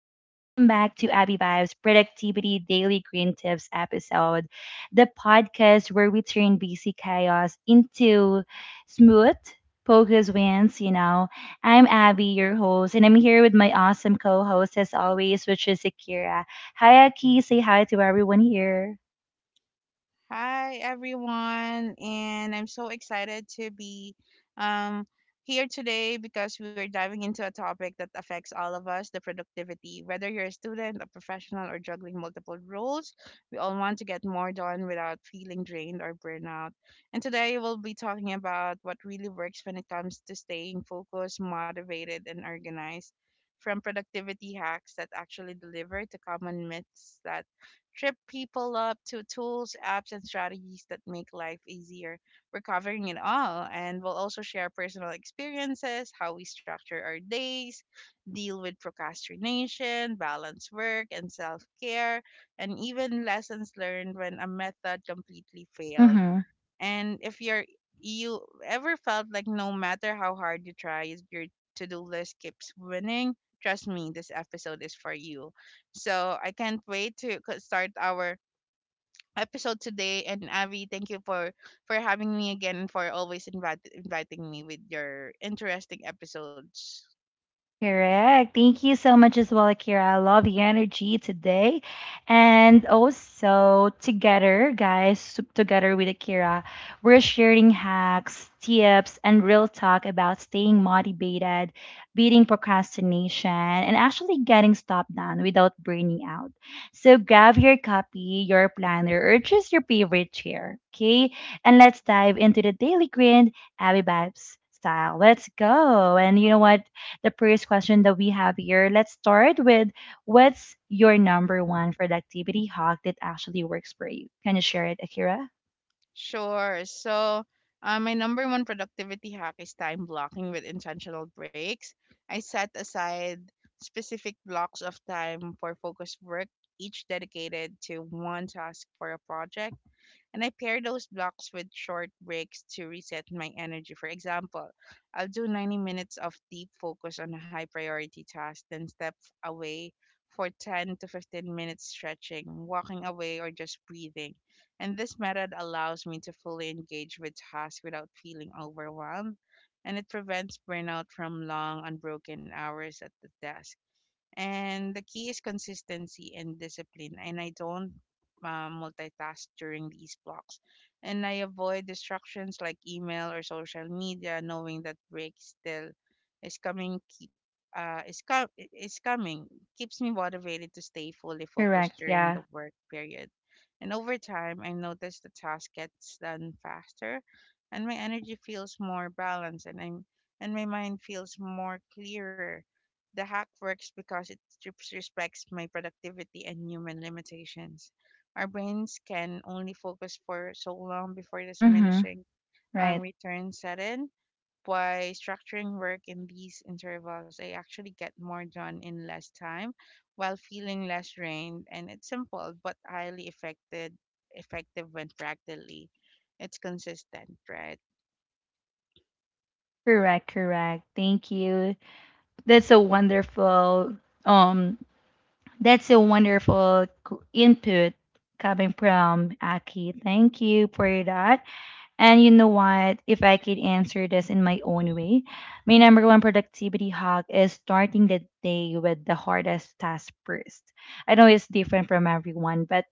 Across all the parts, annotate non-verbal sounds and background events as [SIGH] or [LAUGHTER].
back to Abby Vibes Productivity Daily Green Tips episode, the podcast where we turn busy chaos into smooth, focus wins. I'm Abby, your host, and I'm here with my awesome co host, as always, which is Akira. Hi, Aki. Say hi to everyone here. Hi, everyone, and I'm so excited to be um, here today because we are diving into a topic that affects all of us the productivity. Whether you're a student, a professional, or juggling multiple roles, we all want to get more done without feeling drained or burnout. And today we'll be talking about what really works when it comes to staying focused, motivated, and organized. From productivity hacks that actually deliver to common myths that trip people up to tools, apps, and strategies that make life easier. We're covering it all, and we'll also share personal experiences, how we structure our days, deal with procrastination, balance work and self care, and even lessons learned when a method completely failed. Mm-hmm. And if you're you ever felt like no matter how hard you try, if your to-do list keeps winning, trust me, this episode is for you. So I can't wait to start our episode today. And Avi, thank you for having me again and for always inviting me with your interesting episodes. Correct. Thank you so much as well, Akira. I love the energy today. And also, together, guys, together with Akira, we're sharing hacks, tips, and real talk about staying motivated, beating procrastination, and actually getting stuff done without burning out. So, grab your copy, your planner, or just your favorite chair, okay? And let's dive into the daily grind, Abby Vibes style. Let's go. And you know what? The first question that we have here. Let's start with what's your number one productivity hack that actually works for you? Can you share it, Akira? Sure. So, my number one productivity hack is time blocking with intentional breaks. I set aside specific blocks of time for focused work, each dedicated to one task for a project. And I pair those blocks with short breaks to reset my energy. For example, I'll do 90 minutes of deep focus on a high priority task, then step away for 10 to 15 minutes stretching, walking away, or just breathing. And this method allows me to fully engage with tasks without feeling overwhelmed, and it prevents burnout from long, unbroken hours at the desk. And the key is consistency and discipline. And I don't multitask during these blocks. And I avoid distractions like email or social media, knowing that break still is coming. Is coming keeps me motivated to stay fully focused Correct. during Yeah. the work period. And over time, I notice the task gets done faster, and my energy feels more balanced, and I'm and my mind feels more clearer the hack works because it strips- respects my productivity and human limitations. Our brains can only focus for so long before Mm-hmm. diminishing Right. returns set in. By structuring work in these intervals, I actually get more done in less time while feeling less drained, and it's simple but highly effective, effective when practically it's consistent, right? Correct. Correct. Thank you. That's a wonderful um. That's a wonderful input coming from Aki. Thank you for that. And you know what? If I could answer this in my own way, my number one productivity hack is starting the day with the hardest task first. I know it's different from everyone, but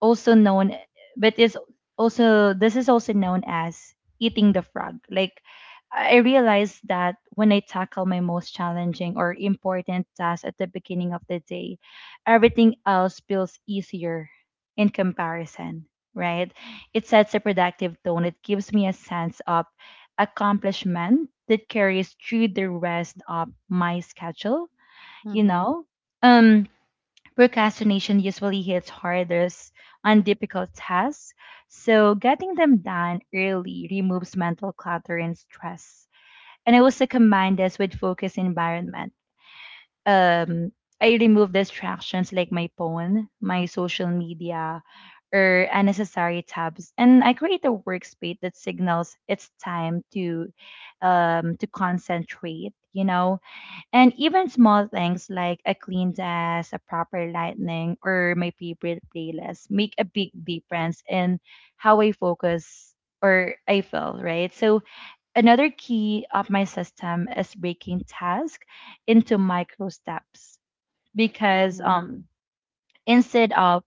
also known but it's also this is also known as eating the frog. Like I realized that when I tackle my most challenging or important task at the beginning of the day, everything else feels easier in comparison, right? It sets a productive tone. It gives me a sense of accomplishment that carries through the rest of my schedule, you Mm-hmm. know um Procrastination usually hits hardest on difficult tasks, so getting them done early removes mental clutter and stress. And I also combine this with focus environment. Um, I remove distractions like my phone, my social media, or unnecessary tabs, and I create a workspace that signals it's time to concentrate. You know, and even small things like a clean desk, a proper lighting, or my favorite playlist make a big difference in how I focus or I feel, right? So another key of my system is breaking tasks into micro steps, because Mm-hmm. um instead of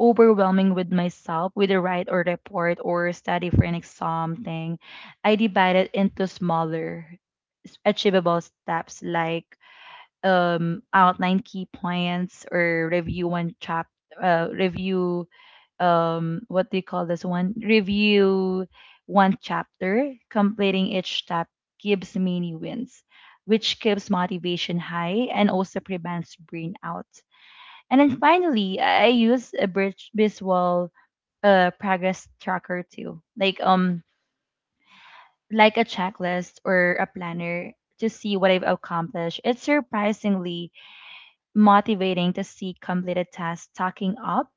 overwhelming with myself with a write or report or study for an exam thing, I divide it into smaller achievable steps, like outline key points or review one chapter, review what do you call this one, review one chapter. Completing each step gives mini wins, which keeps motivation high and also prevents burnout. And then finally, I use a bridge visual progress tracker too, like a checklist or a planner to see what I've accomplished. It's surprisingly motivating to see completed tasks stacking up,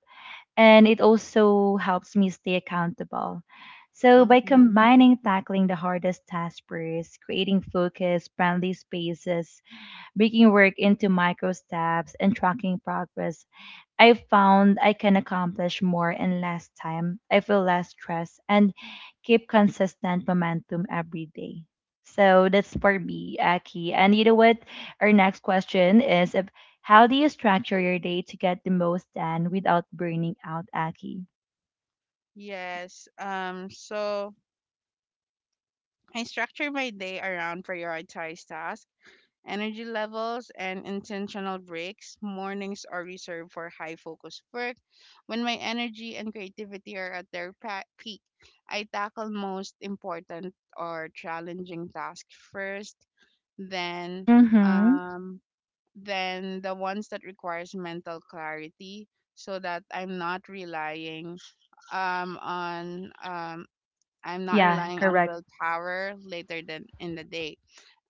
and it also helps me stay accountable. So, by Mm-hmm. combining tackling the hardest tasks first, creating focus, friendly spaces, breaking work into micro steps, and tracking progress, I found I can accomplish more in less time. I feel less stress and keep consistent momentum every day. So that's for me, Aki. And you know what? Our next question is if, how do you structure your day to get the most done without burning out, Aki? Yes. So I structure my day around prioritized tasks, energy levels, and intentional breaks. Mornings are reserved for high focus work. When my energy and creativity are at their peak, I tackle most important or challenging tasks first, then Mm-hmm. um the ones that requires mental clarity so that um on um I'm not Yeah, relying on correct. willpower later than in the day.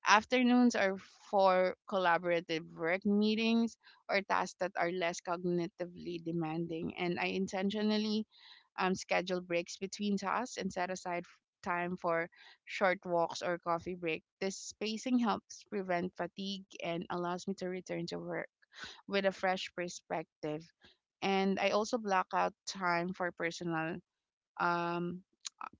Afternoons are for collaborative work meetings or tasks that are less cognitively demanding. And I intentionally schedule breaks between tasks and set aside time for short walks or coffee break. This spacing helps prevent fatigue and allows me to return to work with a fresh perspective. And I also block out time for personal um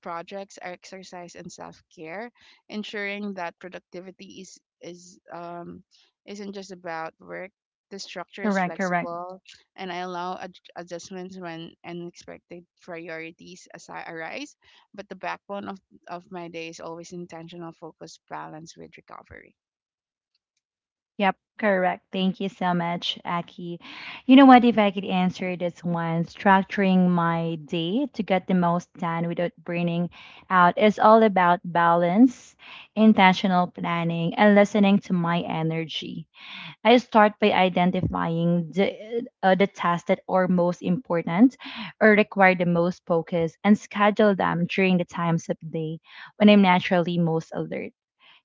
projects are exercise and self-care, ensuring that productivity is isn't just about work. The structure is Correct, correct. flexible and I allow adjustments when unexpected arise, but the backbone of my day is always intentional focus balance with recovery. Yep, correct. Thank you so much, Aki. You know what? If I could answer this one, structuring my day to get the most done without burning out is all about balance, intentional planning, and listening to my energy. I start by identifying the tasks that are most important or require the most focus and schedule them during the times of day when I'm naturally most alert.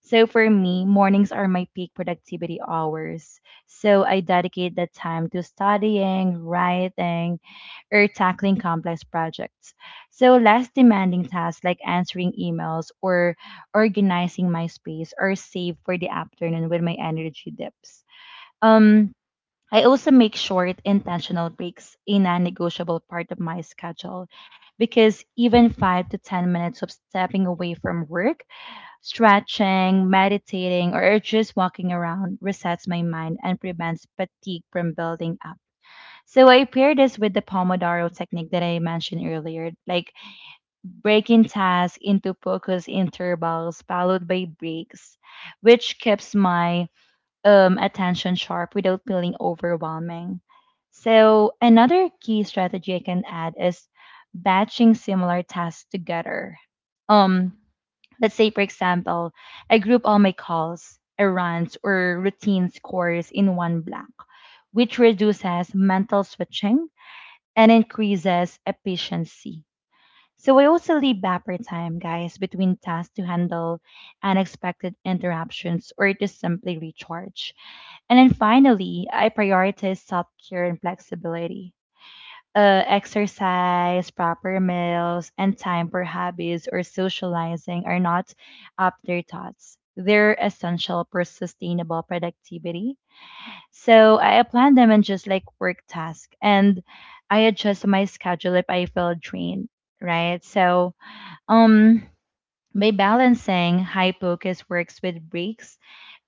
So for me, mornings are my peak productivity hours. So I dedicate that time to studying, writing, or tackling complex projects. So less demanding tasks like answering emails or organizing my space are saved for the afternoon when my energy dips. Um I also make short intentional breaks a non-negotiable part of my schedule, because even 5 to 10 minutes of stepping away from work, stretching, meditating, or just walking around resets my mind and prevents fatigue from building up. So I pair this with the Pomodoro technique that I mentioned earlier, like breaking tasks into focus intervals followed by breaks, which keeps my attention sharp without feeling overwhelming. So another key strategy I can add is batching similar tasks together. Um, Let's say, for example, I group all my calls, errands, or routine scores in one block, which reduces mental switching and increases efficiency. So I also leave buffer time, guys, between tasks to handle unexpected interruptions or to simply recharge. And then finally, I prioritize self care and flexibility. Exercise, proper meals, and time for hobbies or socializing are not afterthoughts. They're essential for sustainable productivity. So I plan them in just like work task, and I adjust my schedule if I feel drained, right? So um by balancing high focus works with breaks,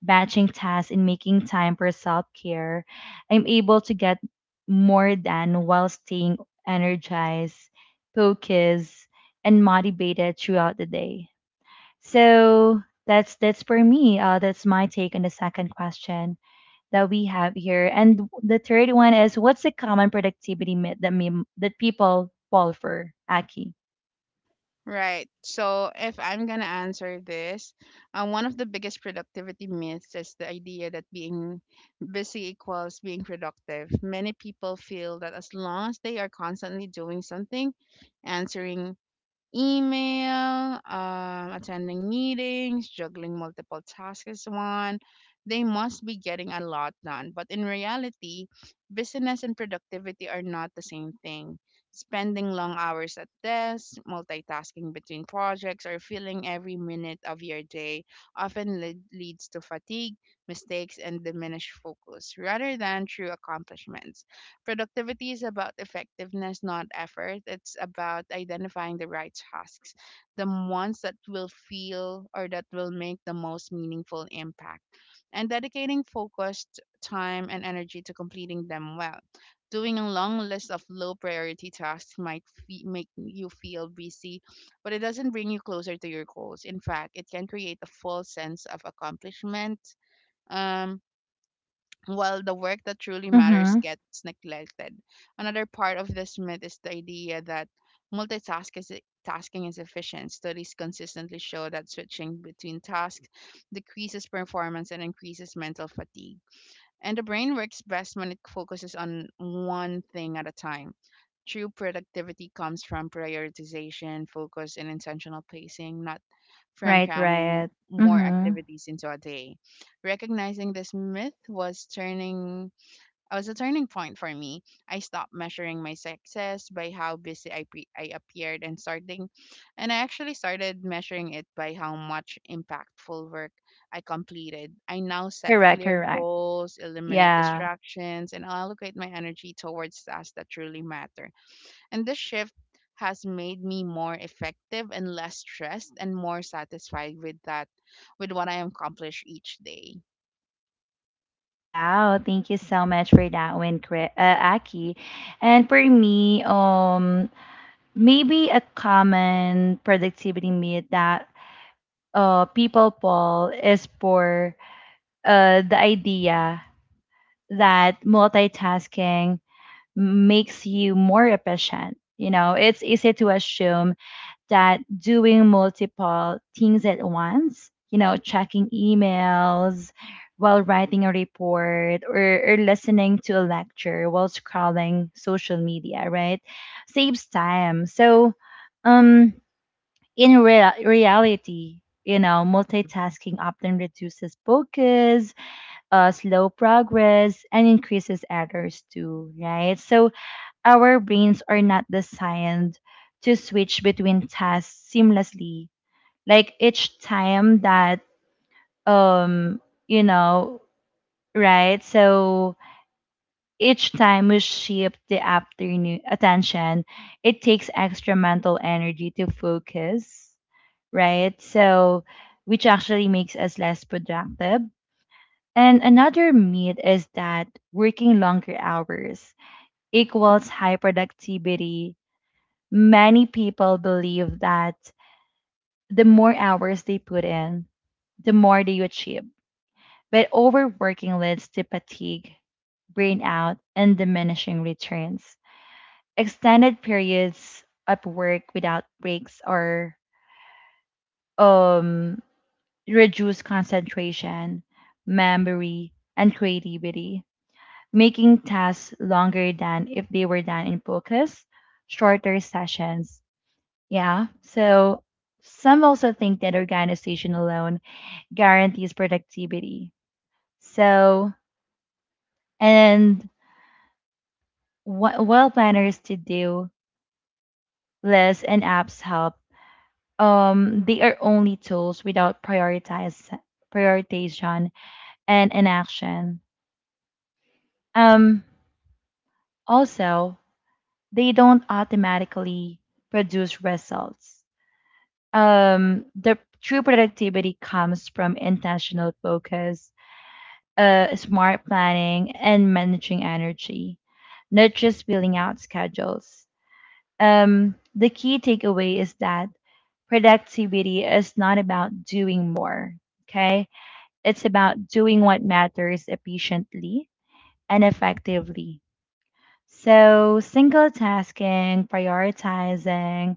batching tasks, and making time for self care, I'm able to get more done while staying energized, focused, and motivated throughout the day. So that's for me. That's my take on the second question that we have here. And the third one is, what's the common productivity myth that people fall for? Aki. Right. So if I'm gonna answer this, one of the biggest productivity myths is the idea that being busy equals being productive. Many people feel that as long as they are constantly doing something, answering email, attending meetings, juggling multiple tasks as one. They must be getting a lot done. But in reality, business and productivity are not the same thing. Spending long hours at desks, multitasking between projects, or filling every minute of your day often leads to fatigue, mistakes, and diminished focus rather than true accomplishments. Productivity is about effectiveness, not effort. It's about identifying the right tasks, the ones that will feel or that will make the most meaningful impact, and dedicating focused time and energy to completing them well. Doing a long list of low priority tasks might make you feel busy, but it doesn't bring you closer to your goals. In fact, it can create a false sense of accomplishment. Um, while the work that truly matters Mm-hmm. gets neglected. Another part of this myth is the idea that multitasking is, tasking is efficient. Studies consistently show that switching between tasks decreases performance and increases mental fatigue. And the brain works best when it focuses on one thing at a time. True productivity comes from prioritization, focus, and intentional pacing, not from Right. cramming Right. more Mm-hmm. activities into a day. Recognizing this myth was a turning point for me. I stopped measuring my success by how busy I appeared and I actually started measuring it by how much impactful work I completed. I now set Correct, clear correct. goals, eliminate Yeah. distractions, and allocate my energy towards tasks that truly matter. And this shift has made me more effective and less stressed and more satisfied with what I accomplish each day. Wow, thank you so much for that one, Chris, Aki. And for me, maybe a common productivity myth that people fall is for the idea that multitasking makes you more efficient. You know, it's easy to assume that doing multiple things at once, you know, checking emails while writing a report, or listening to a lecture while scrolling social media, right? Saves time. So, um, in real reality, you know, multitasking often reduces focus, slow progress, and increases errors too, right? So, our brains are not designed to switch between tasks seamlessly. Like each time that um you know, right? So each time we shift the afternoon attention, it takes extra mental energy to focus, right? So, which actually makes us less productive. And another myth is that working longer hours equals high productivity. Many people believe that the more hours they put in, the more they achieve. But overworking leads to fatigue, burnout, and diminishing returns. Extended periods of work without breaks or um, reduce concentration, memory, and creativity, making tasks longer than if they were done in focus, shorter sessions. Yeah. So some also think that organization alone guarantees productivity. So, and what well planners to do lists and apps help. They are only tools without prioritize prioritization and inaction. Um, also, they don't automatically produce results. The true productivity comes from intentional focus, smart planning and managing energy, not just filling out schedules. The key takeaway is that productivity is not about doing more, okay? It's about doing what matters efficiently and effectively. So, single tasking, prioritizing,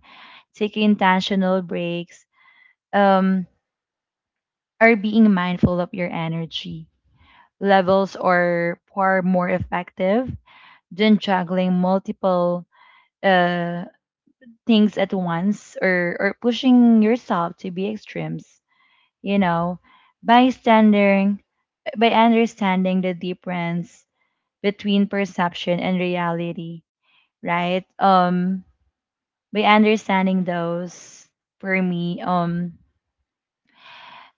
taking intentional breaks, um, or being mindful of your energy levels are far more effective than juggling multiple uh, things at once, or pushing yourself to be extremes, you know. by standing by understanding the difference between perception and reality, right? By understanding those for me,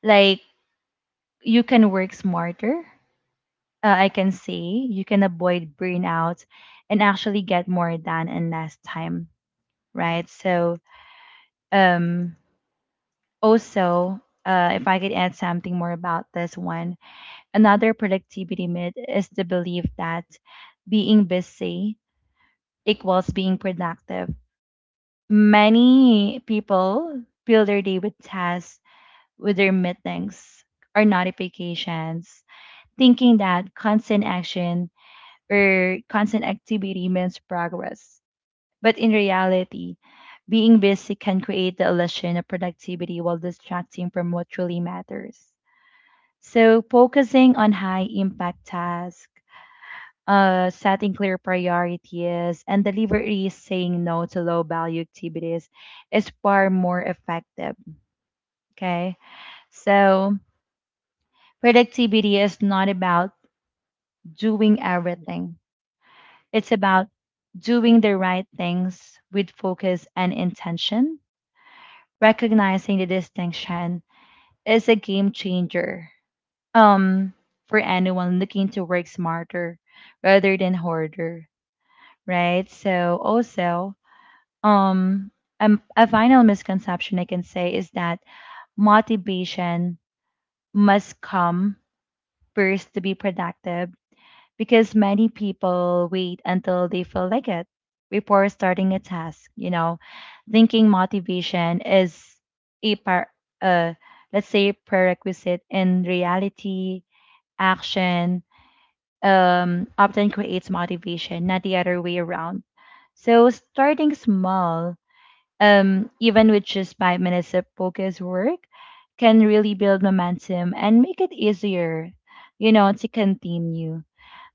like You can work smarter. I can say you can avoid burnout and actually get more done in less time, right? So, um also, if I could add something more about this one, another productivity myth is the belief that being busy equals being productive. Many people fill their day with tasks, with their meetings or notifications, thinking that constant action or constant activity means progress. But in reality, being busy can create the illusion of productivity while distracting from what truly matters. So focusing on high impact tasks, setting clear priorities, and deliberately saying no to low value activities is far more effective. Okay. So productivity is not about doing everything. It's about doing the right things with focus and intention. Recognizing the distinction is a game changer. Um, for anyone looking to work smarter rather than harder, right? So also, um, a final misconception I can say is that motivation must come first to be productive, because many people wait until they feel like it before starting a task, you know, thinking motivation is a par uh let's say prerequisite. In reality, action often creates motivation, not the other way around. So starting small, even with just 5 minutes of focus work, can really build momentum and make it easier, you know, to continue.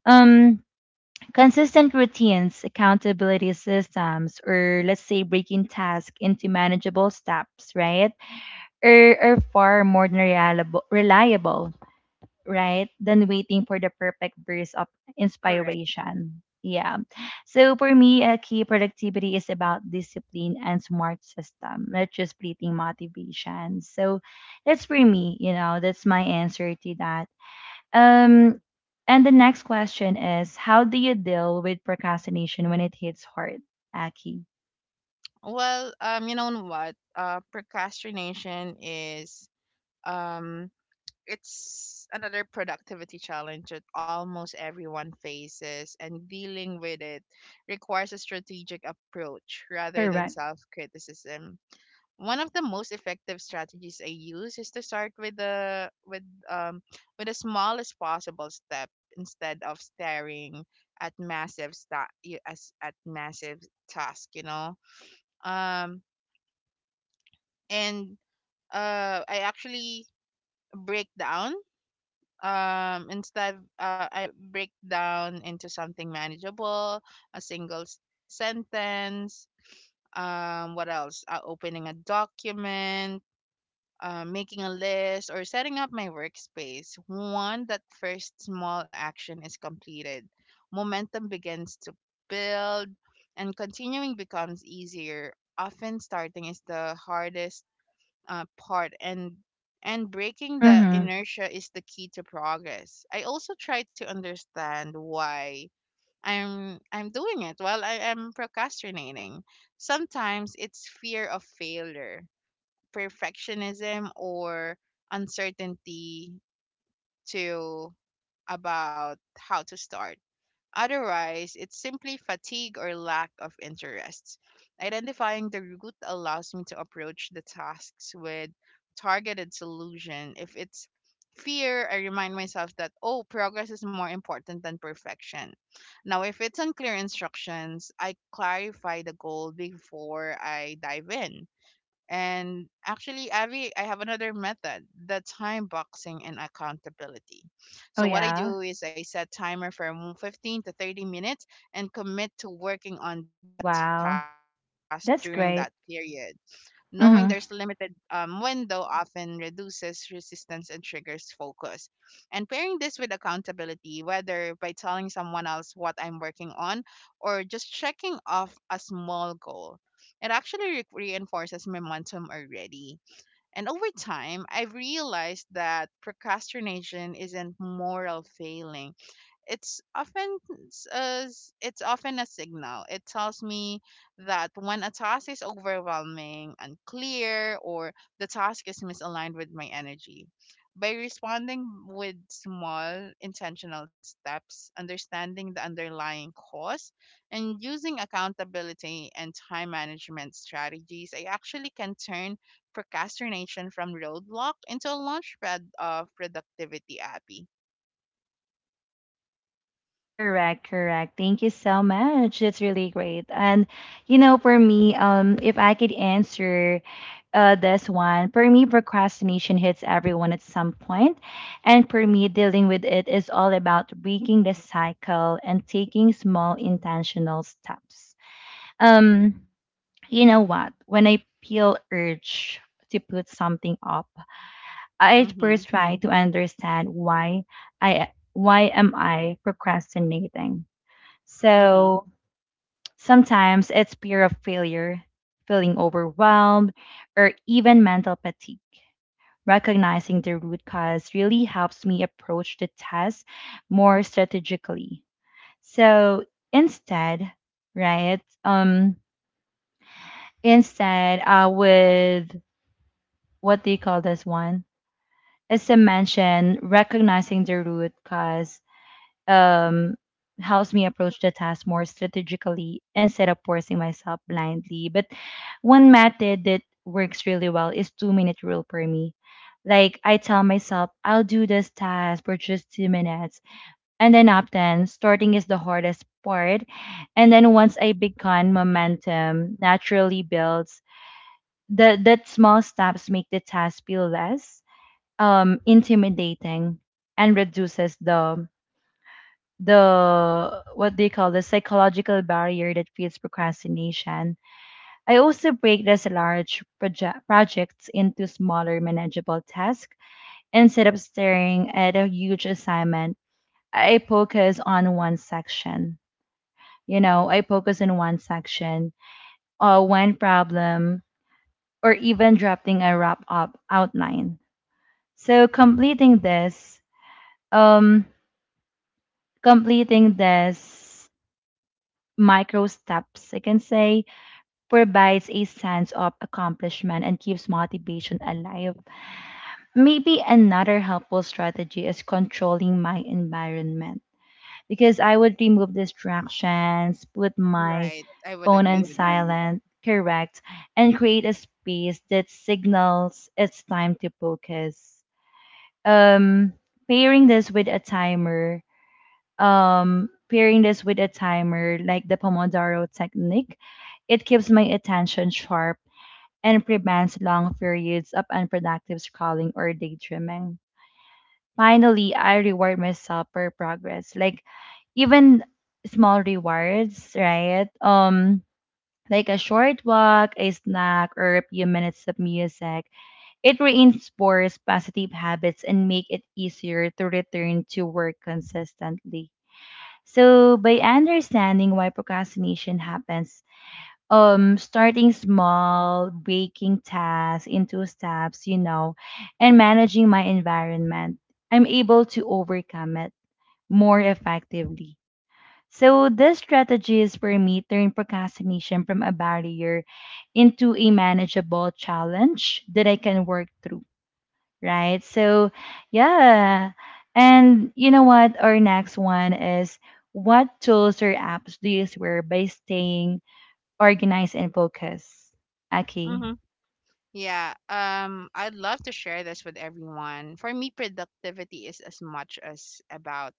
Um, consistent routines, accountability systems, or let's say breaking tasks into manageable steps, right? Are far more reliable, right? Than waiting for the perfect burst of Correct. inspiration. Yeah. So for me, a key productivity is about discipline and smart system, not just fleeting motivation. So that's for me, you know, that's my answer to that. Um, and the next question is, how do you deal with procrastination when it hits hard, Aki? Well, you know what? Procrastination is um, it's another productivity challenge that almost everyone faces, and dealing with it requires a strategic approach rather than Correct. self criticism. One of the most effective strategies I use is to start um with the smallest possible step instead of staring at massive sta- y- as at massive task, you know. Um and I actually break down instead I break down into something manageable, a sentence, what else? Opening a document, making a list or setting up my workspace, one that first small action is completed, momentum begins to build, and continuing becomes easier. Often, starting is the hardest part, and breaking the Mm-hmm. inertia is the key to progress. I also try to understand why I'm doing it while I am procrastinating. Sometimes it's fear of failure, perfectionism or uncertainty to about how to start. Otherwise, it's simply fatigue or lack of interest. Identifying the root allows me to approach the tasks with targeted solution. If it's fear, I remind myself that oh, progress is more important than perfection. Now, if it's unclear instructions, I clarify the goal before I dive in. And actually, Avi, I have another method, the time boxing and accountability. Oh So what I yeah. do is I set timer for 15 to 30 minutes and commit to working on that task Wow. during that period. That's great. Knowing there's limited Mm-hmm. Window often reduces resistance and triggers focus. And pairing this with accountability, whether by telling someone else what I'm working on or just checking off a small goal, it actually reinforces momentum already. And over time, I've realized that procrastination isn't moral failing. It's often s- as it's often a signal. It tells me that when a task is overwhelming, unclear, or the task is misaligned with my energy. By responding with small intentional steps, understanding the underlying cause, and using accountability and time management strategies, I actually can turn procrastination from roadblock into a launchpad of productivity, Abby. Correct, correct. Thank you so much. That's really great. And you know, for me, if I could answer this one, for me, procrastination hits everyone at some point, and for me, dealing with it is all about breaking the cycle and taking small intentional steps. Um, you know what? When I feel urge to put something up, I Mm-hmm. first try to understand why I why am I procrastinating, Mm-hmm. so sometimes it's fear of failure, feeling overwhelmed, or even mental fatigue. Recognizing the root cause really helps me approach the test more strategically. So instead, right? Instead, with what do you call this one? As I mentioned, recognizing the root cause um, helps me approach the task more strategically instead of forcing myself blindly. But one method that works really well is 2-minute rule for me. Like I tell myself, I'll do this task for just 2 minutes. And then often starting is the hardest part. And then once I begin, momentum naturally builds. The that small steps make the task feel less intimidating and reduces the what they call the psychological barrier that creates procrastination. I also break these large projects into smaller, manageable tasks instead of staring at a huge assignment. I focus on one section. You know, I focus on one section, or one problem, or even drafting a wrap up outline. So completing this, um, completing this micro steps, I can say, provides a sense of accomplishment and keeps motivation alive. Maybe another helpful strategy is controlling my environment because I would remove distractions, put my Right. I would phone on agree with that. silent, correct, and create a space that signals it's time to focus. Um, pairing this with a timer, Pairing this with a timer like the Pomodoro technique, it keeps my attention sharp and prevents long periods of unproductive scrolling or daydreaming. Finally, I reward myself for progress. Like even small rewards, right? Like a short walk, a snack, or a few minutes of music. It reinforces positive habits and make it easier to return to work consistently. So by understanding why procrastination happens, starting small, breaking tasks into steps, you know, and managing my environment, I'm able to overcome it more effectively. So this strategy is for me turn procrastination from a barrier into a manageable challenge that I can work through, right? So yeah, and you know what our next one is: what tools or apps do you swear by staying organize and focus. Okay. Hmm. Yeah. I'd love to share this with everyone. For me, productivity is as much as about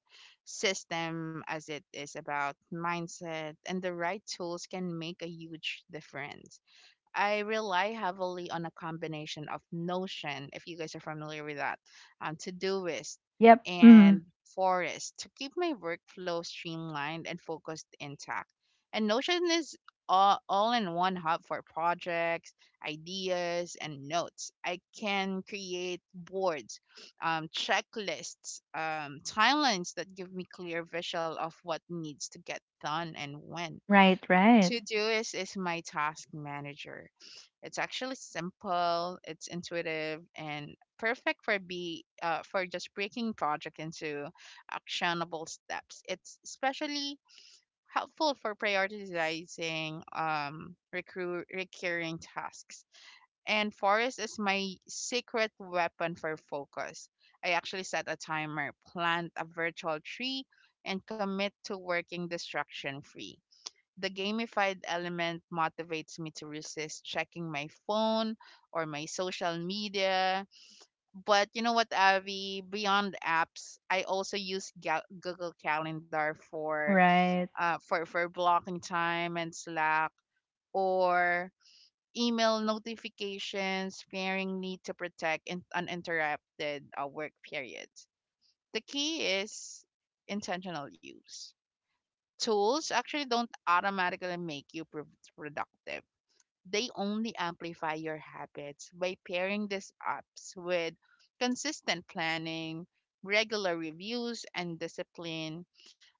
system as it is about mindset, and the right tools can make a huge difference. I rely heavily on a combination of Notion, if you guys are familiar with that, Todoist Yep. Mhm. and Forest to keep my workflow streamlined and focused intact. And Notion is all in one hub for projects, ideas, and notes. I can create boards, checklists, timelines that give me clear visual of what needs to get done and when. Right, right. Todoist is my task manager. It's actually simple, it's intuitive, and perfect for be for just breaking project into actionable steps. It's especially helpful for prioritizing recurring tasks. And Forest is my secret weapon for focus. I actually set a timer, plant a virtual tree, and commit to working distraction free. The gamified element motivates me to resist checking my phone or my social media. But you know what, Avi? Beyond apps, I also use Google Calendar for Right. For blocking time and Slack or email notifications, pairing need to protect uninterrupted work periods. The key is intentional use. Tools actually don't automatically make you productive. They only amplify your habits by pairing these apps with consistent planning, regular reviews, and discipline.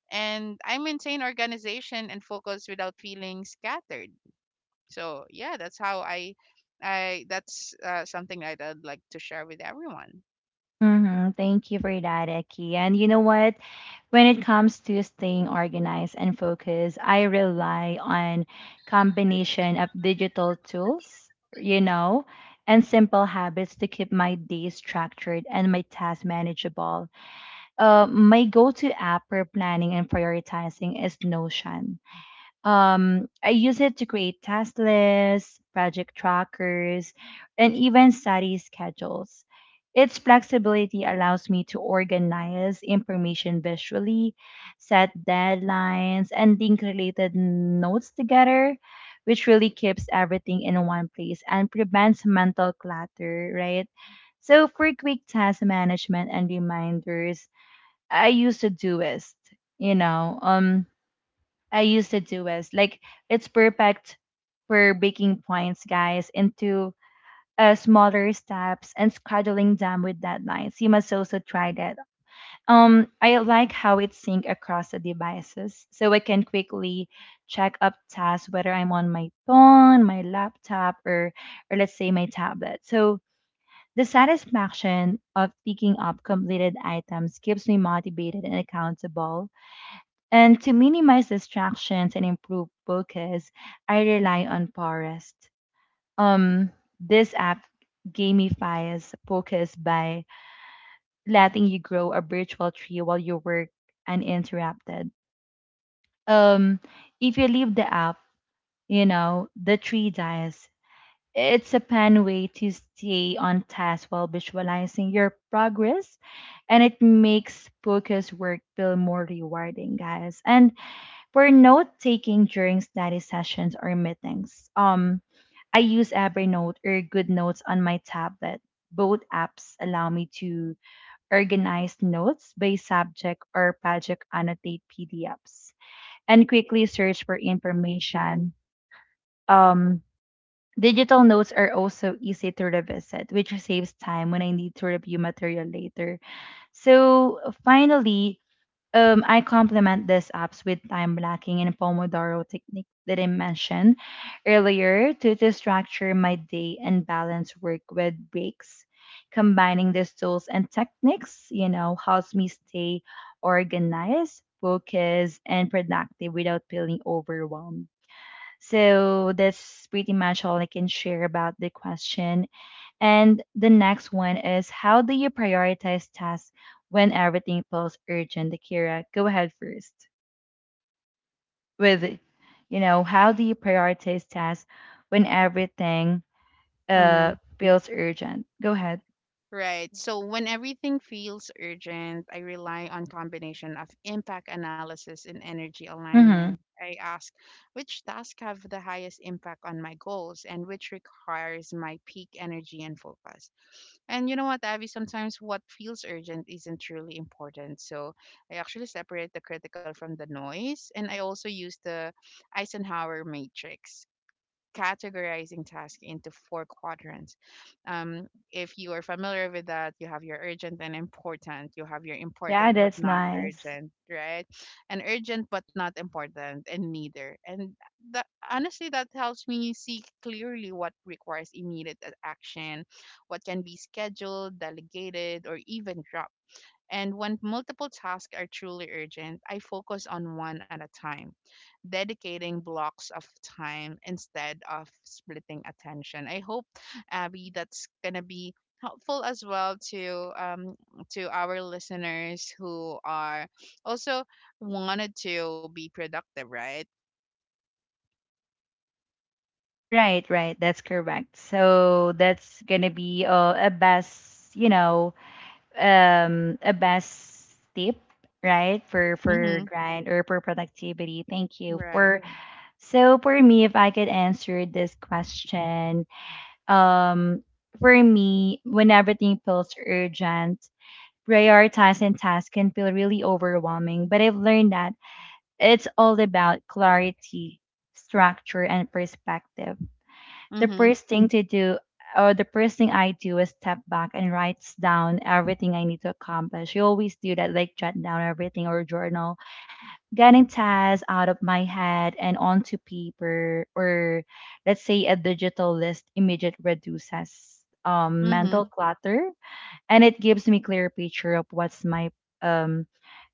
And I maintain organization and focus without feeling scattered. So yeah, that's how I that's something that I'd like to share with everyone. Hmm. Thank you for that, Eki. And you know what? When it comes to staying organized and focused, I rely on combination of digital tools, you know, and simple habits to keep my day structured and my tasks manageable. My go-to app for planning and prioritizing is Notion. I use it to create task lists, project trackers, and even study schedules. Its flexibility allows me to organize information visually, set deadlines, and link related notes together, which really keeps everything in one place and prevents mental clutter, right? So for quick task management and reminders, I use Todoist, you know. I used to do is like it's perfect for breaking points, guys, into smaller steps and scheduling them with deadlines. You must also try that. I like how it sync across the devices, so I can quickly check up tasks whether I'm on my phone, my laptop, or let's say my tablet. So the satisfaction of picking up completed items keeps me motivated and accountable, and to minimize distractions and improve focus, I rely on Forest. Um, this app gamifies focus by letting you grow a virtual tree while you work uninterrupted. Um, if you leave the app, you know, the tree dies. It's a fun way to stay on task while visualizing your progress, and it makes focus work feel more rewarding, guys. And for note taking during study sessions or meetings, I use Evernote or Good Notes on my tablet. Both apps allow me to organize notes by subject or project, annotate PDFs, and quickly search for information. Um, Digital notes are also easy to revisit, which saves time when I need to review material later. So, finally, I complement these apps with time blocking and Pomodoro technique that I mentioned earlier to structure my day and balance work with breaks. Combining these tools and techniques, you know, helps me stay organized, focused, and productive without feeling overwhelmed. So that's pretty much all I can share about the question. And the next one is how do you prioritize tasks when everything feels urgent? Akira, go ahead first with, you know, how do you prioritize tasks when everything feels urgent? Go ahead. Right. So when everything feels urgent, I rely on combination of impact analysis and energy Mm-hmm. alignment. I ask which tasks have the highest impact on my goals and which requires my peak energy and focus. And you know what, Abby, sometimes what feels urgent isn't truly important. So I actually separate the critical from the noise, and I also use the Eisenhower matrix, categorizing tasks into four quadrants. Um, if you are familiar with that, you have your urgent and important, you have your Yeah, important but that's not nice. urgent, right? And urgent but not important, and neither. And that, honestly, that helps me see clearly what requires immediate action, what can be scheduled, delegated, or even dropped. And when multiple tasks are truly urgent, I focus on one at a time, dedicating blocks of time instead of splitting attention. I hope, Abby, that's gonna be helpful as well to our listeners who are also wanted to be productive, right? Right, right. That's correct. So that's gonna be a best, you know, a best tip, right, for Mm-hmm. grind or for productivity. Thank you Right. for. So for me, if I could answer this question, um, for me, when everything feels urgent, prioritizing tasks can feel really overwhelming. But I've learned that it's all about clarity, structure, and perspective. The Mm-hmm. first thing to do or the first thing I do is step back and write down everything I need to accomplish. You always do that, like jot down everything or journal, getting tasks out of my head and onto paper or let's say a digital list immediate reduces Mm-hmm. mental clutter, and it gives me clear picture of what's my um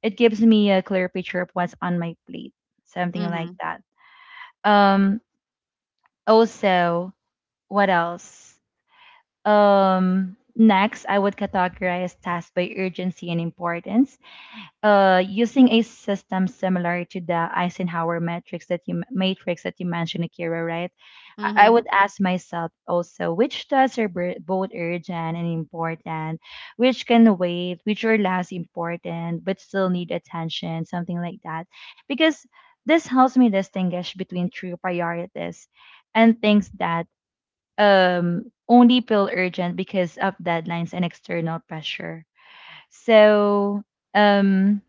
it gives me a clear picture of what's on my plate, something Mm-hmm. like that. um Also, what else next I would categorize tasks by urgency and importance, using a system similar to the Eisenhower matrix that you mentioned, Akira, right? I Mm-hmm. would ask myself also which tasks are both urgent and important, which can wait, which are less important but still need attention, something like that, because this helps me distinguish between true priorities and things that only feel urgent because of deadlines and external pressure. So um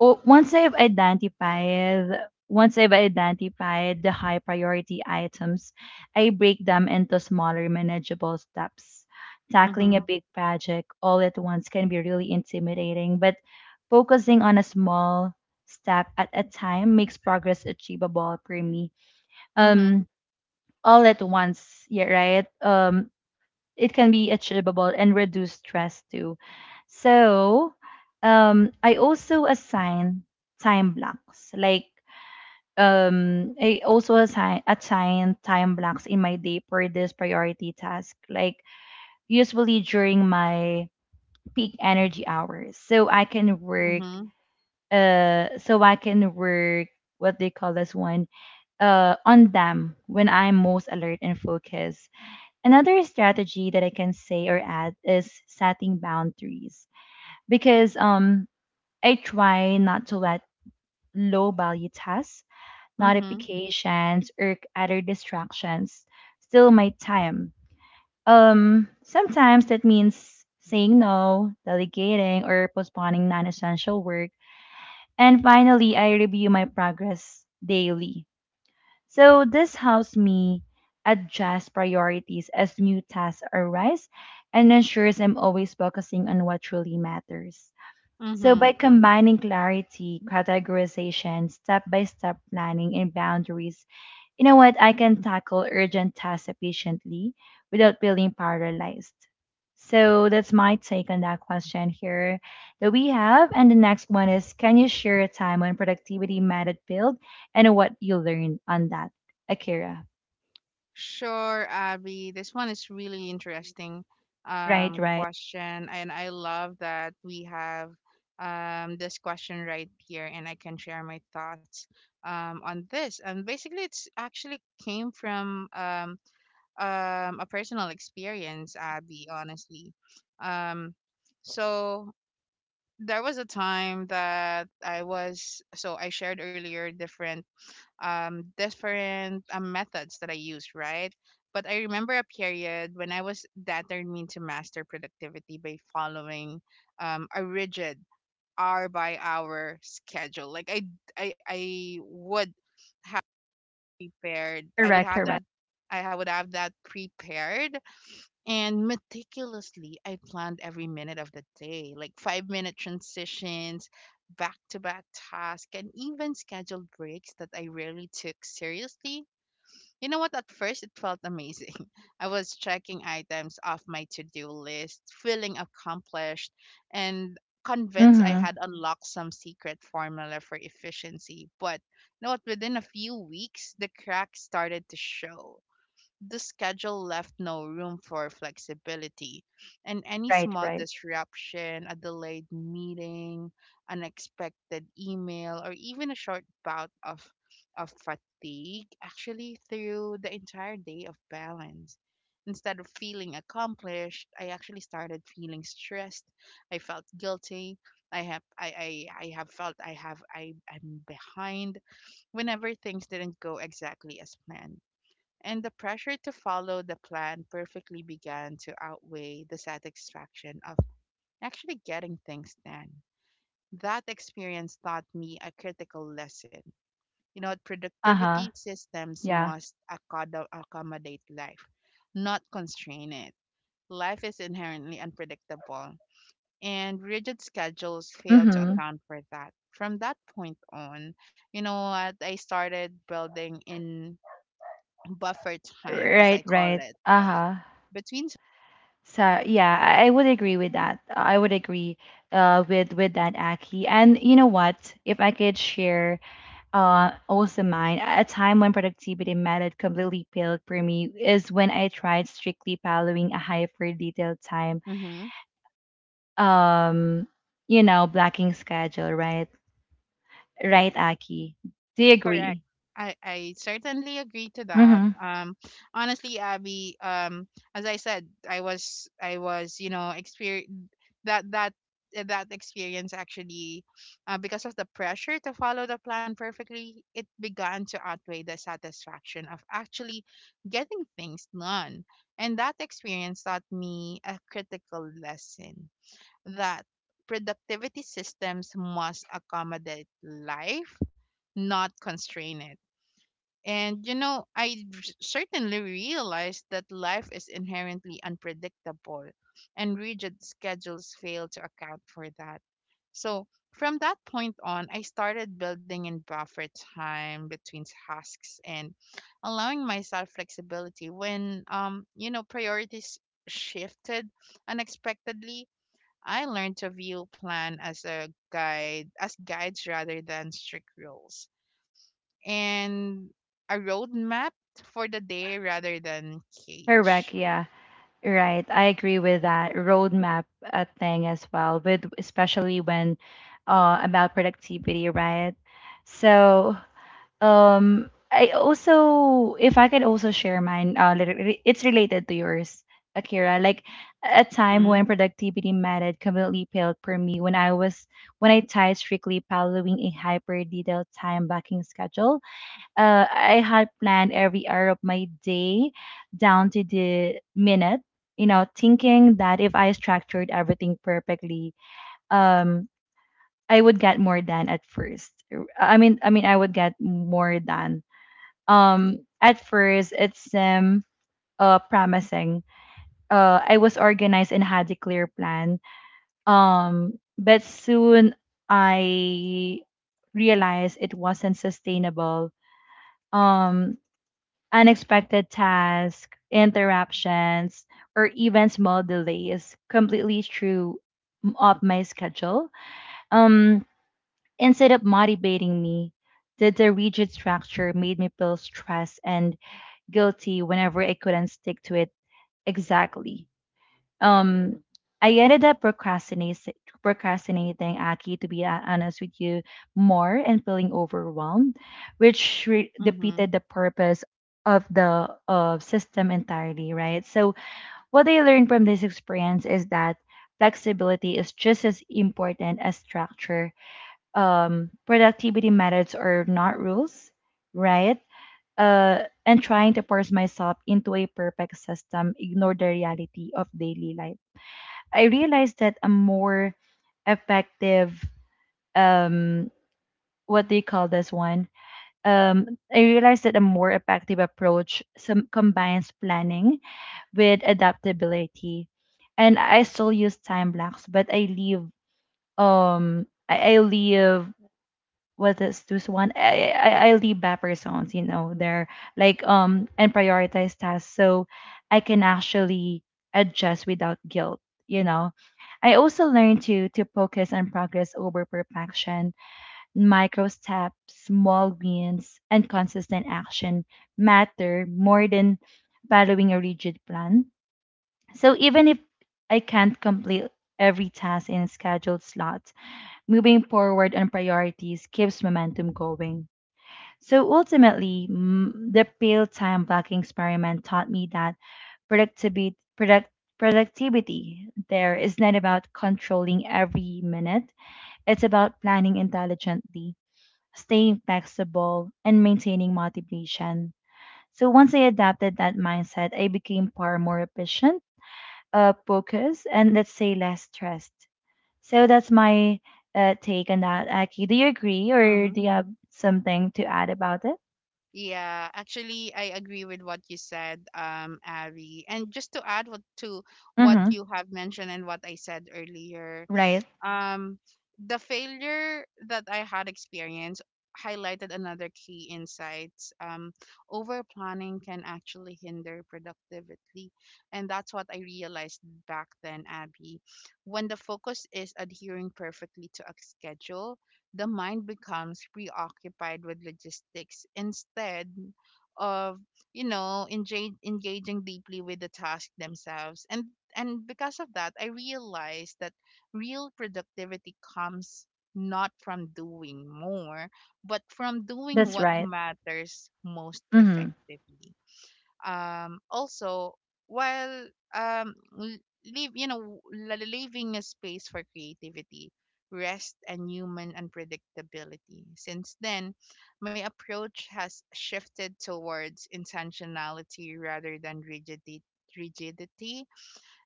once I've identified once I've identified the high priority items, I break them into smaller manageable steps. Tackling Mm-hmm. a big project all at once can be really intimidating, but focusing on a small step at a time makes progress achievable for me. Mm-hmm. Um all at once, yeah, right? It can be achievable and reduce stress too. So, I also assign time blocks. Like, I also assign assign time blocks in my day for this priority task. Like, usually during my peak energy hours, so I can work. Uh, so I can work what they call this one. On them when I'm most alert and focused. Another strategy that I can say or add is setting boundaries, because I try not to let low value tasks, Mm-hmm. notifications, or other distractions steal my time. Sometimes that means saying no, delegating or postponing non-essential work. And finally, I review my progress daily. So this helps me adjust priorities as new tasks arise and ensures I'm always focusing on what truly matters. So Mm-hmm. by combining clarity, categorization, step-by-step planning, and boundaries, you know what? I can tackle urgent tasks efficiently without feeling paralyzed. So that's my take on that question here that we have. And the next one is: can you share a time when productivity mattered build and what you learned on that, Akira? Sure, Abby. This one is really interesting Right, right. question, and I love that we have this question right here, and I can share my thoughts on this. And basically, it's actually came from a personal experience, Abby. Honestly, um, so there was a time that I was, so I shared earlier different different methods that I use, right? But I remember a period when I was determined to master productivity by following a rigid hour by hour schedule. Like I would prepared. I would Correct, have correct. that. Would have that prepared and meticulously. I planned every minute of the day, like 5 minute transitions, back to back tasks, and even scheduled breaks that I rarely took seriously. You know what? At first, it felt amazing. [LAUGHS] I was checking items off my to do list, feeling accomplished, and convinced I Mm-hmm. had unlocked some secret formula for efficiency. But you know what? Within a few weeks, the cracks started to show. The schedule left no room for flexibility, and any Right, small right. disruption, a delayed meeting, unexpected email, or even a short bout of fatigue actually threw the entire day of balance. Instead of feeling accomplished, I actually started feeling stressed. I felt guilty. I have felt I have I, I'm behind whenever things didn't go exactly as planned, and the pressure to follow the plan perfectly began to outweigh the satisfaction of actually getting things done. That experience taught me a critical lesson. You know, Uh-huh. productivity systems Yeah. must accommodate life, not constrain it. Life is inherently unpredictable, and rigid schedules fail to Mm-hmm. account for that. From that point on, you know what? I started building in buffer time, as I Right, call right. it, Uh-huh. between. So yeah, I would agree with that. I would agree with that, Aki. And you know what? If I could share also mine, a time when productivity method completely failed for me is when I tried strictly following a hyper detailed time, Mm-hmm. um, you know, blocking schedule. Right, right, Aki. Do you Correct. agree? I certainly agree to that. Mm-hmm. Honestly, Abby, as I said, I was you know experience that that experience actually, because of the pressure to follow the plan perfectly, it began to outweigh the satisfaction of actually getting things done. And that experience taught me a critical lesson, that productivity systems must accommodate life, not constrain it. And you know, certainly realized that life is inherently unpredictable, and rigid schedules fail to account for that. So, from that point on, I started building in buffer time between tasks and allowing myself flexibility when you know priorities shifted unexpectedly. I learned to view plan as guides rather than strict rules, and a roadmap for the day rather than Correct. cage. Yeah. Right, I agree with that roadmap thing as well, with especially when about productivity, right? So, I also, if I could also share mine, it's related to yours, Akira. Like a time when Mhm. productivity mattered completely failed for me when I was when I tried strictly following a hyper detailed time blocking schedule. I had planned every hour of my day down to the minute, you know, thinking that if I structured everything perfectly, um, I would get more done at first. I would get more done. At first, it's promising. I was organized and had a clear plan. But soon I realized it wasn't sustainable. Um, Unexpected tasks, interruptions, or even small delays completely threw up my schedule. Um, Instead of motivating me, the rigid structure made me feel stressed and guilty whenever I couldn't stick to it exactly. Um, I ended up procrastinating, Aki, to be honest with you, more and feeling overwhelmed, which defeated Mhm. the purpose of the system entirely, right? So, what I learned from this experience is that flexibility is just as important as structure. Productivity methods are not rules, right? And trying to force myself into a perfect system ignored the reality of daily life. I realized that a more effective um what do you call this one? I realized that a more effective approach some combines planning with adaptability. And I still use time blocks, but I leave I leave was this one I leave buffer zones, there like and prioritize tasks so I can actually adjust without guilt, you know. I also learned to focus on progress over perfection. Micro steps, small wins, and consistent action matter more than following a rigid plan. So even if I can't complete every task in a scheduled slot, moving forward on priorities keeps momentum going. So ultimately, the pale time blocking experiment taught me that productivity, product, productivity there is not about controlling every minute, it's about planning intelligently, staying flexible, and maintaining motivation. So once I adapted that mindset, I became far more efficient, focused, and let's say less stressed. So that's my take on that, Aki. Do you agree or Mhm. do you have something to add about it? Yeah, actually, I agree with what you said, Abby. And just to add what to what Mm-hmm. you have mentioned and what I said earlier, Right. Um, the failure that I had experienced highlighted another key insights. Over planning can actually hinder productivity, and that's what I realized back then, Abby. When the focus is adhering perfectly to a schedule, the mind becomes preoccupied with logistics instead of, you know, engaging deeply with the task themselves. And because of that, I realized that real productivity comes not from doing more, but from doing That's what right. matters most Mm-hmm. effectively. Also, while um, l- leave, you know, leaving a space for creativity, rest, and human unpredictability. Since then, my approach has shifted towards intentionality rather than rigidity. Rigidity.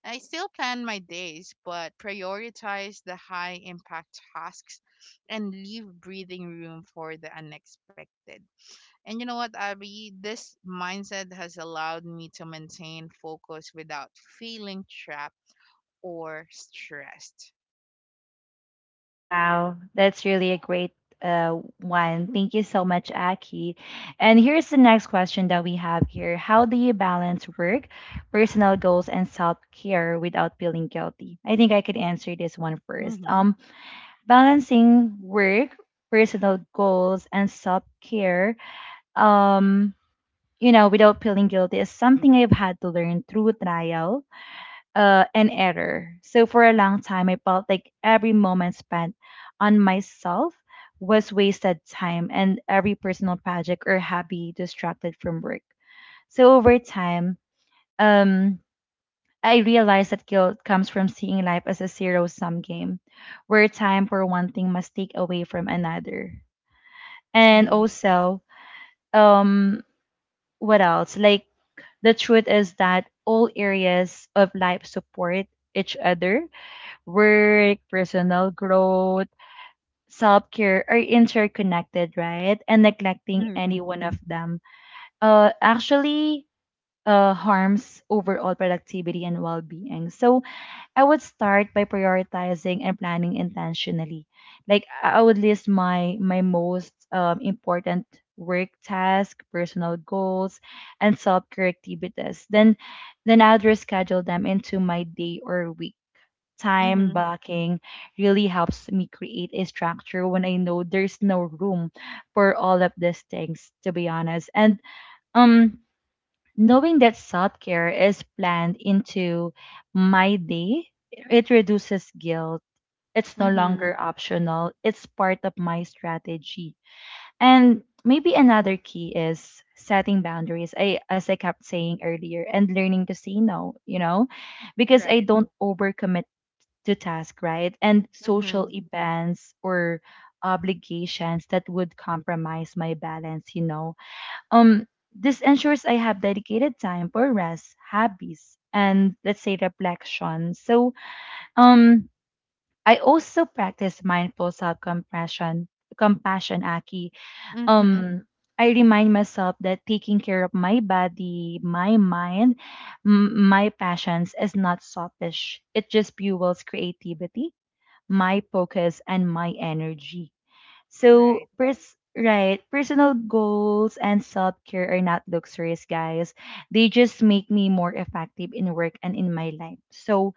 I still plan my days, but prioritize the high impact tasks and leave breathing room for the unexpected. And you know what, Abby? This mindset has allowed me to maintain focus without feeling trapped or stressed. Wow. That's really a great one. Thank you so much, Aki. And here's the next question that we have here. How do you balance work, personal goals, and self care without feeling guilty? I think I could answer this one first. Mm-hmm. Balancing work, personal goals, and self care. Um, you know, without feeling guilty is something I've had to learn through trial and error. So for a long time, I felt like every moment spent on myself was wasted time and every personal project or hobby distracted from work. So over time, um, I realized that guilt comes from seeing life as a zero sum game where time for one thing must take away from another. And Mm-hmm. also, um, what else? Like, the truth is that all areas of life support each other. Work, personal growth, self care are interconnected, right? And neglecting Mm-hmm. any one of them actually harms overall productivity and well being. So, I would start by prioritizing and planning intentionally. Like I would list my most important work tasks, personal goals, and self-care activities. Then I would reschedule them into my day or week. Time Mm-hmm. blocking really helps me create a structure when I know there's no room for all of these things, to be honest. And um knowing that self care is planned into my day, it reduces guilt. It's no Mm-hmm. longer optional, it's part of my strategy. And maybe another key is setting boundaries. I as I kept saying earlier and learning to say no, you know, because I Right. don't overcommit to task, right? And social Mm-hmm. events or obligations that would compromise my balance, this ensures I have dedicated time for rest, hobbies, and let's say reflection. So, um, I also practice mindful compassion, Aki. Mm-hmm. Um, I remind myself that taking care of my body, my mind, my passions is not selfish. It just fuels creativity, my focus, and my energy. So, Right. Right, personal goals and self care are not luxuries, guys. They just make me more effective in work and in my life. So,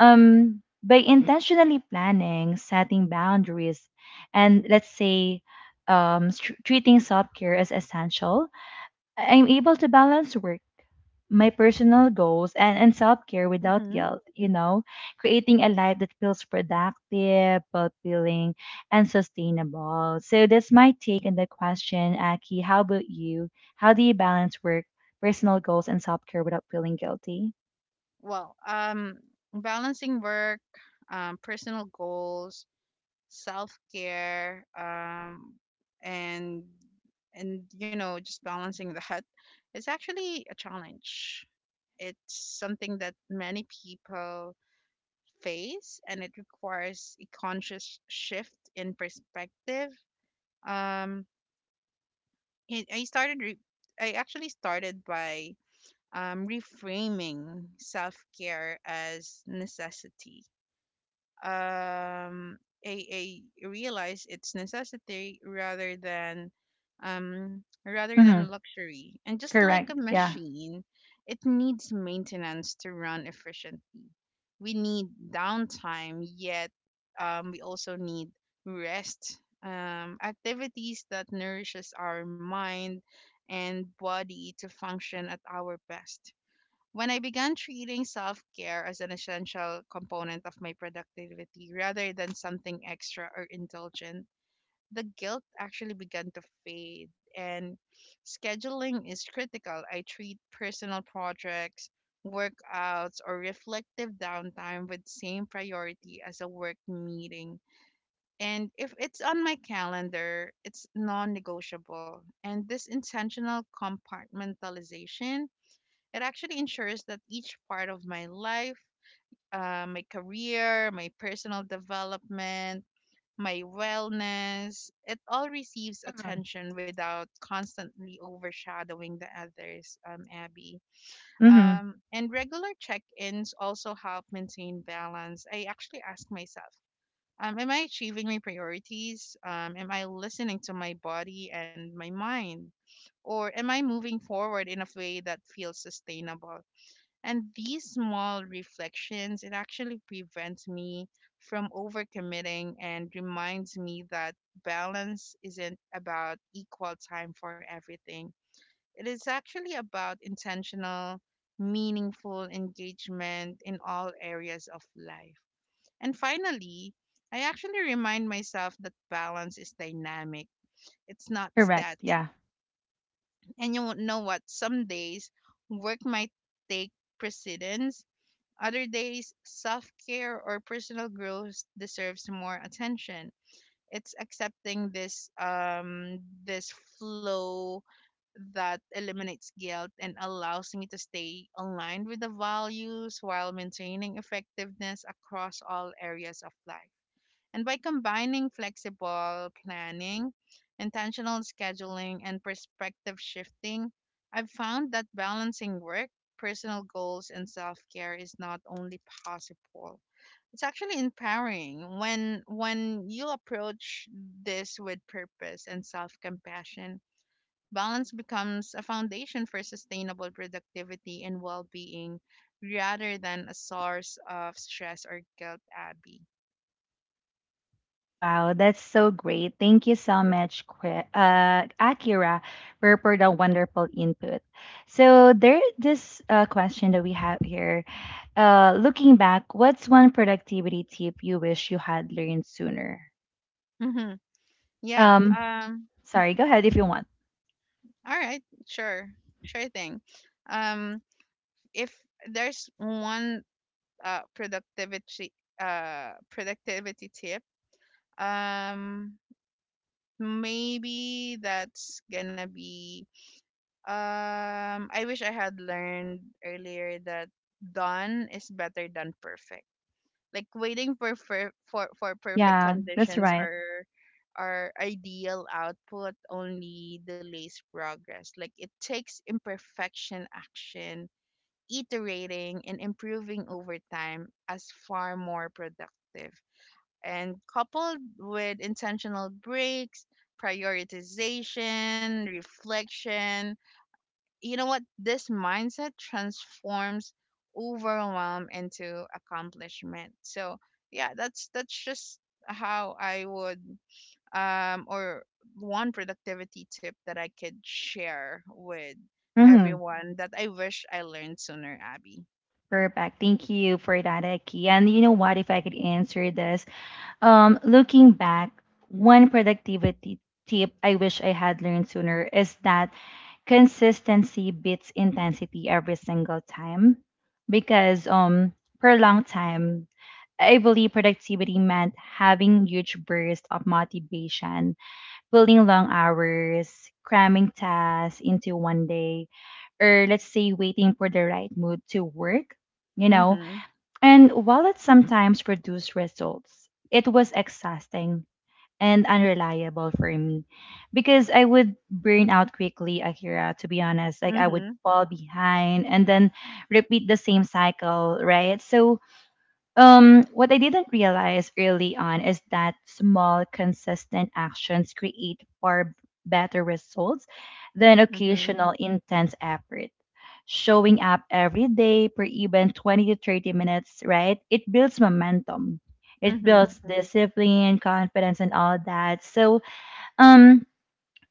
by intentionally planning, setting boundaries, and let's say, treating self care as essential, I'm able to balance work, my personal goals, and self care without Mm-hmm. guilt, creating a life that feels productive, fulfilling, and sustainable. So that's my take on the question, Aki. How about you? How do you balance work, personal goals, and self care without feeling guilty? Well, um, balancing work, personal goals, self-care, and and you know just balancing that, it's actually a challenge. It's something that many people face, and it requires a conscious shift in perspective. Um i I started I actually started by, reframing self-care as necessity. Um, I, I realize it's necessity rather than, rather than Mm-hmm. luxury. And just like a Correct. Yeah. machine, it needs maintenance to run efficiently. We need downtime, yet, we also need rest, activities that nourishes our mind and body to function at our best. When I began treating self care as an essential component of my productivity rather than something extra or indulgent, the guilt actually began to fade. And scheduling is critical. I treat personal projects, workouts, or reflective downtime with same priority as a work meeting. And if it's on my calendar, it's non negotiable. And this intentional compartmentalization, it actually ensures that each part of my life, my career, my personal development, my wellness, it all receives attention without constantly overshadowing the others, Abby. Mm-hmm. And regular check ins also help maintain balance. I actually ask myself, am I achieving my priorities? Am I listening to my body and my mind? Or am I moving forward in a way that feels sustainable? And these small reflections, it actually prevents me from overcommitting and reminds me that balance isn't about equal time for everything. It is actually about intentional, meaningful engagement in all areas of life. And finally, I actually remind myself that balance is dynamic. It's not Correct. static. Yeah. And you know what? Some days work might take precedence, other days, self care or personal growth deserves more attention. It's accepting this flow that eliminates guilt and allows me to stay aligned with the values while maintaining effectiveness across all areas of life. And by combining flexible planning, intentional scheduling, and perspective shifting, I've found that balancing work, personal goals, and self care is not only possible. It's actually empowering when you approach this with purpose and self-compassion. Balance becomes a foundation for sustainable productivity and well-being rather than a source of stress or guilt, Abby. Wow, that's so great. Thank you so much, Akira, for the wonderful input. So, there this question that we have here. Looking back, what's one productivity tip you wish you had learned sooner? Mhm. Yeah. Um, Sorry, go ahead if you want. All right. Sure. Sure thing. Um. If there's one uh productivity uh, productivity tip, um, maybe that's gonna be, I wish I had learned earlier that done is better than perfect. Like waiting for perfect Yeah, that's conditions right. or our ideal output only delays progress. Like it takes imperfection action, iterating and improving over time as far more productive. And coupled with intentional breaks, prioritization, reflection, you know what, this mindset transforms overwhelm into accomplishment. So yeah, that's just how I would, or one productivity tip that I could share with Mm-hmm. everyone that I wish I learned sooner, Abby. Perfect. Thank you for that, Aki. And you know what? If I could answer this, looking back, one productivity tip I wish I had learned sooner is that consistency beats intensity every single time. Because for a long time, I believe productivity meant having huge bursts of motivation, pulling long hours, cramming tasks into one day, or let's say waiting for the right mood to work, you know. Mhm. And while it sometimes produced results, it was exhausting and unreliable for me because I would burn out quickly, Akira, to be honest. Like I would Mhm. fall behind and then repeat the same cycle, right? So what I didn't realize early on is that small, consistent actions create far better results than Mhm. occasional, intense effort. Showing up every day for even 20 to 30 minutes, right? It builds momentum. It Mhm. builds discipline, confidence, and all that. So, um,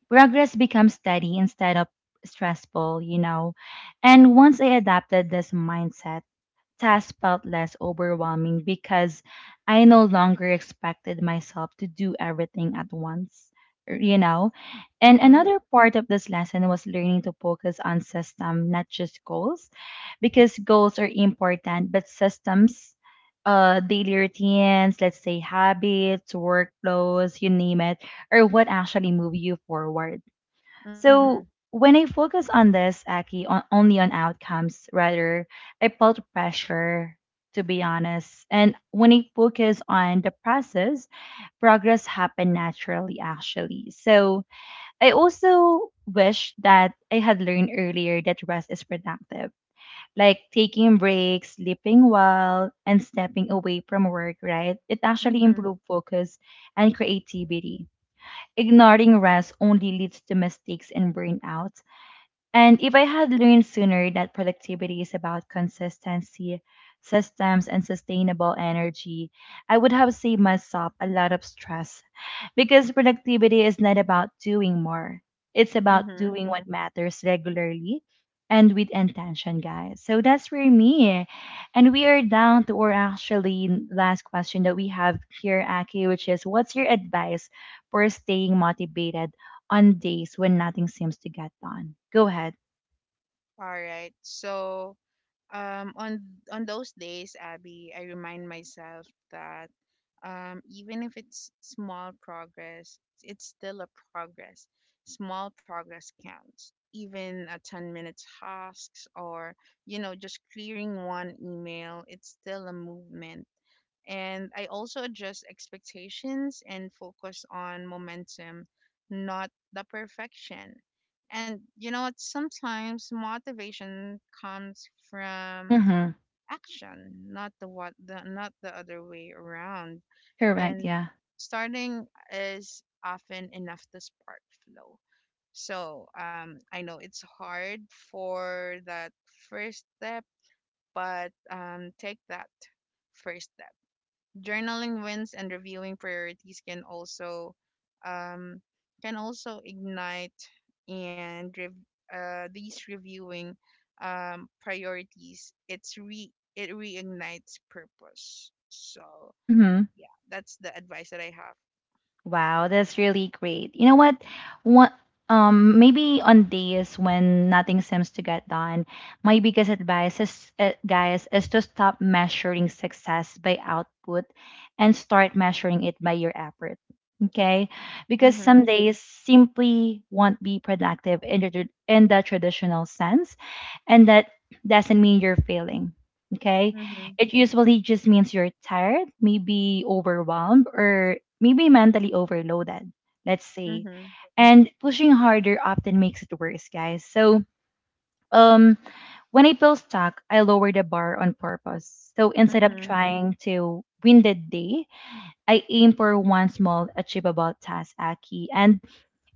progress becomes steady instead of stressful, you know. And once I adapted this mindset, task felt less overwhelming because I no longer expected myself to do everything at once, you know. And Mhm. another part of this lesson was learning to focus on system, not just goals, because goals are important, but systems, daily routines, let's say habits, workflows, you name it, are what actually move you forward. Mhm. So when I focus on this, Aki, on, only on outcomes, rather, I felt pressure, to be honest. And when I focus on the process, progress happened naturally, actually. So I also wish that I had learned earlier that rest is productive, like taking breaks, sleeping well, and stepping away from work, right? It actually Mhm. improved focus and creativity. Ignoring rest only leads to mistakes and burnout. And if I had learned sooner that productivity is about consistency, systems, and sustainable energy, I would have saved myself a lot of stress because productivity is not about doing more. It's about Mhm. doing what matters regularly and with intention, guys. So that's for me. And we are down to our actually last question that we have here, Aki, which is what's your advice for staying motivated on days when nothing seems to get done? Go ahead. All right, so, on on those days, Abby, I remind myself that, even if it's small progress, it's still a progress. Small progress counts, even a 10-minute tasks, or you know just clearing one email, it's still a movement. And I also adjust expectations and focus on momentum, not the perfection. And you know what? Sometimes motivation comes from Mhm. action, not the what the not the other way around. Correct, And yeah. starting is often enough to spark flow. So I know it's hard for that first step, but take that first step. Journaling wins and reviewing priorities can also, um, can also ignite and rev- these reviewing, priorities. It reignites purpose. So Mhm. yeah, that's the advice that I have. Wow, that's really great. You know what? What maybe on days when nothing seems to get done, my biggest advice is guys is to stop measuring success by output and start measuring it by your effort. Okay? Because some Mhm. days simply won't be productive in the in the traditional sense, and that doesn't mean you're failing. Okay? Mhm. It usually just means you're tired, maybe overwhelmed or maybe mentally overloaded, let's say. Mhm. And pushing harder often makes it worse, guys. So um when I feel stuck, I lower the bar on purpose. So instead of Mhm. trying to win the day, I aim for one small achievable task, Aki. And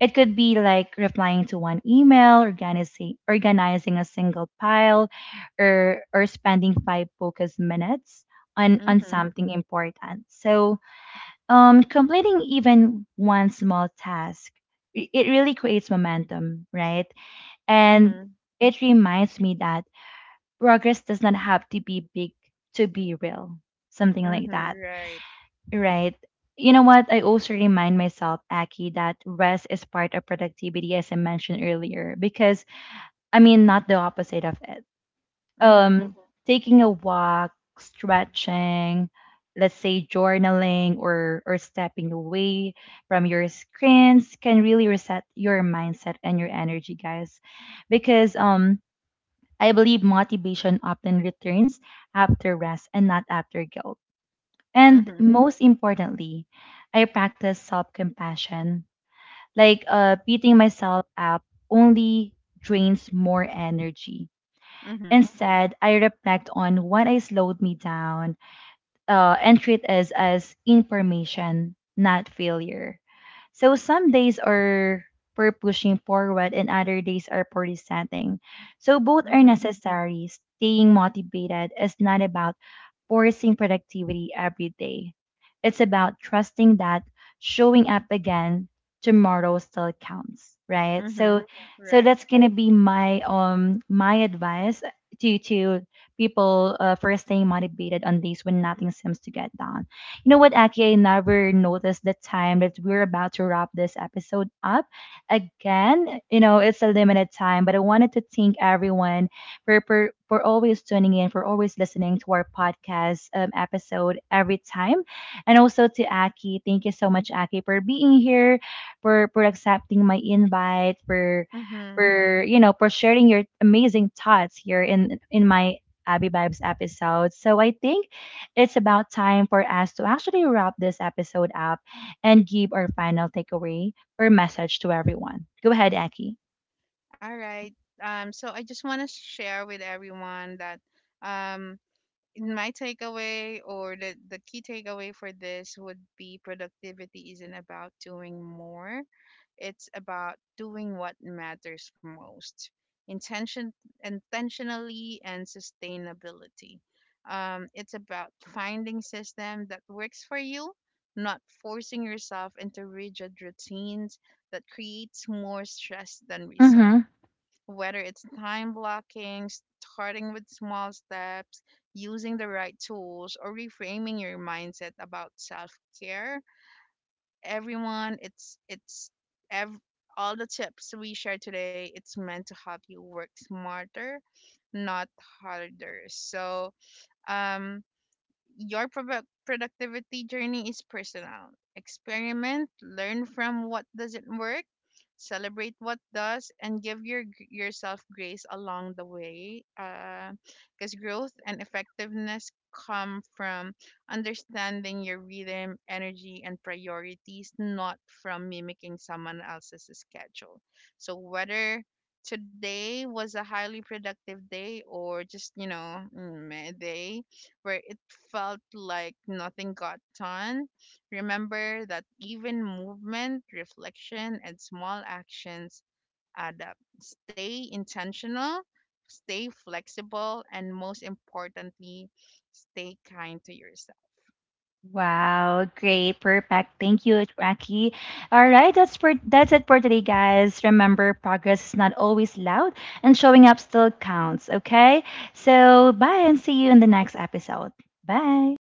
it could be like replying to one email, organizing a single pile, or spending five focus minutes on Mhm. something important. So completing even one small task, it really creates momentum, right? And Mhm. it reminds me that progress does not have to be big to be real, something like Mhm. that, Right. right? You know what? I also remind myself, Aki, that rest is part of productivity, as I mentioned earlier, because I mean, not the opposite of it. Mhm. um Taking a walk, stretching, let's say journaling or stepping away from your screens can really reset your mindset and your energy, guys, because I believe motivation often returns after rest and not after guilt. And Mhm. most importantly, I practice self-compassion, like beating myself up only drains more energy. Mhm. Instead, I reflect on what I slowed me down, and treat it as information, not failure. So some days are for pushing forward and other days are for resetting. So both are Mhm. necessary. Staying motivated is not about forcing productivity every day. It's about trusting that showing up again tomorrow still counts, right? So Mhm. so Right. that's gonna be my my advice to people for staying motivated on days when nothing seems to get done. You know what, Aki, I never noticed the time that we're about to wrap this episode up. Again, you know, it's a limited time, but I wanted to thank everyone for always tuning in, for always listening to our podcast episode every time. And also to Aki, thank you so much, Aki, for being here, for accepting my invite, Mhm. for you know for sharing your amazing thoughts here in my Abby Vibes episode. So I think it's about time for us to actually wrap this episode up and give our final takeaway or message to everyone. Go ahead, Aki. All right. So I just want to share with everyone that, um, in my takeaway or the key takeaway for this would be productivity isn't about doing more, it's about doing what matters most intention, intentionally and sustainability. It's about finding system that works for you, not forcing yourself into rigid routines that creates more stress than results, Mm-hmm. whether it's time blocking, starting with small steps, using the right tools, or reframing your mindset about self-care. Everyone, ev- all the tips we share today, it's meant to help you work smarter, not harder. So, um your productivity journey is personal. Experiment, learn from what doesn't work, celebrate what does, and give yourself grace along the way. Because growth and effectiveness come from understanding your rhythm, energy, and priorities, not from mimicking someone else's schedule. So whether today was a highly productive day or just, you know, mm, meh day where it felt like nothing got done, remember that even movement, reflection, and small actions add up. Stay intentional, stay flexible, and most importantly, stay kind to yourself. Wow, great, perfect. Thank you, Raki. All right, that's for that's it for today, guys. Remember, progress is not always loud, and showing up still counts. Okay, so bye, and see you in the next episode. Bye.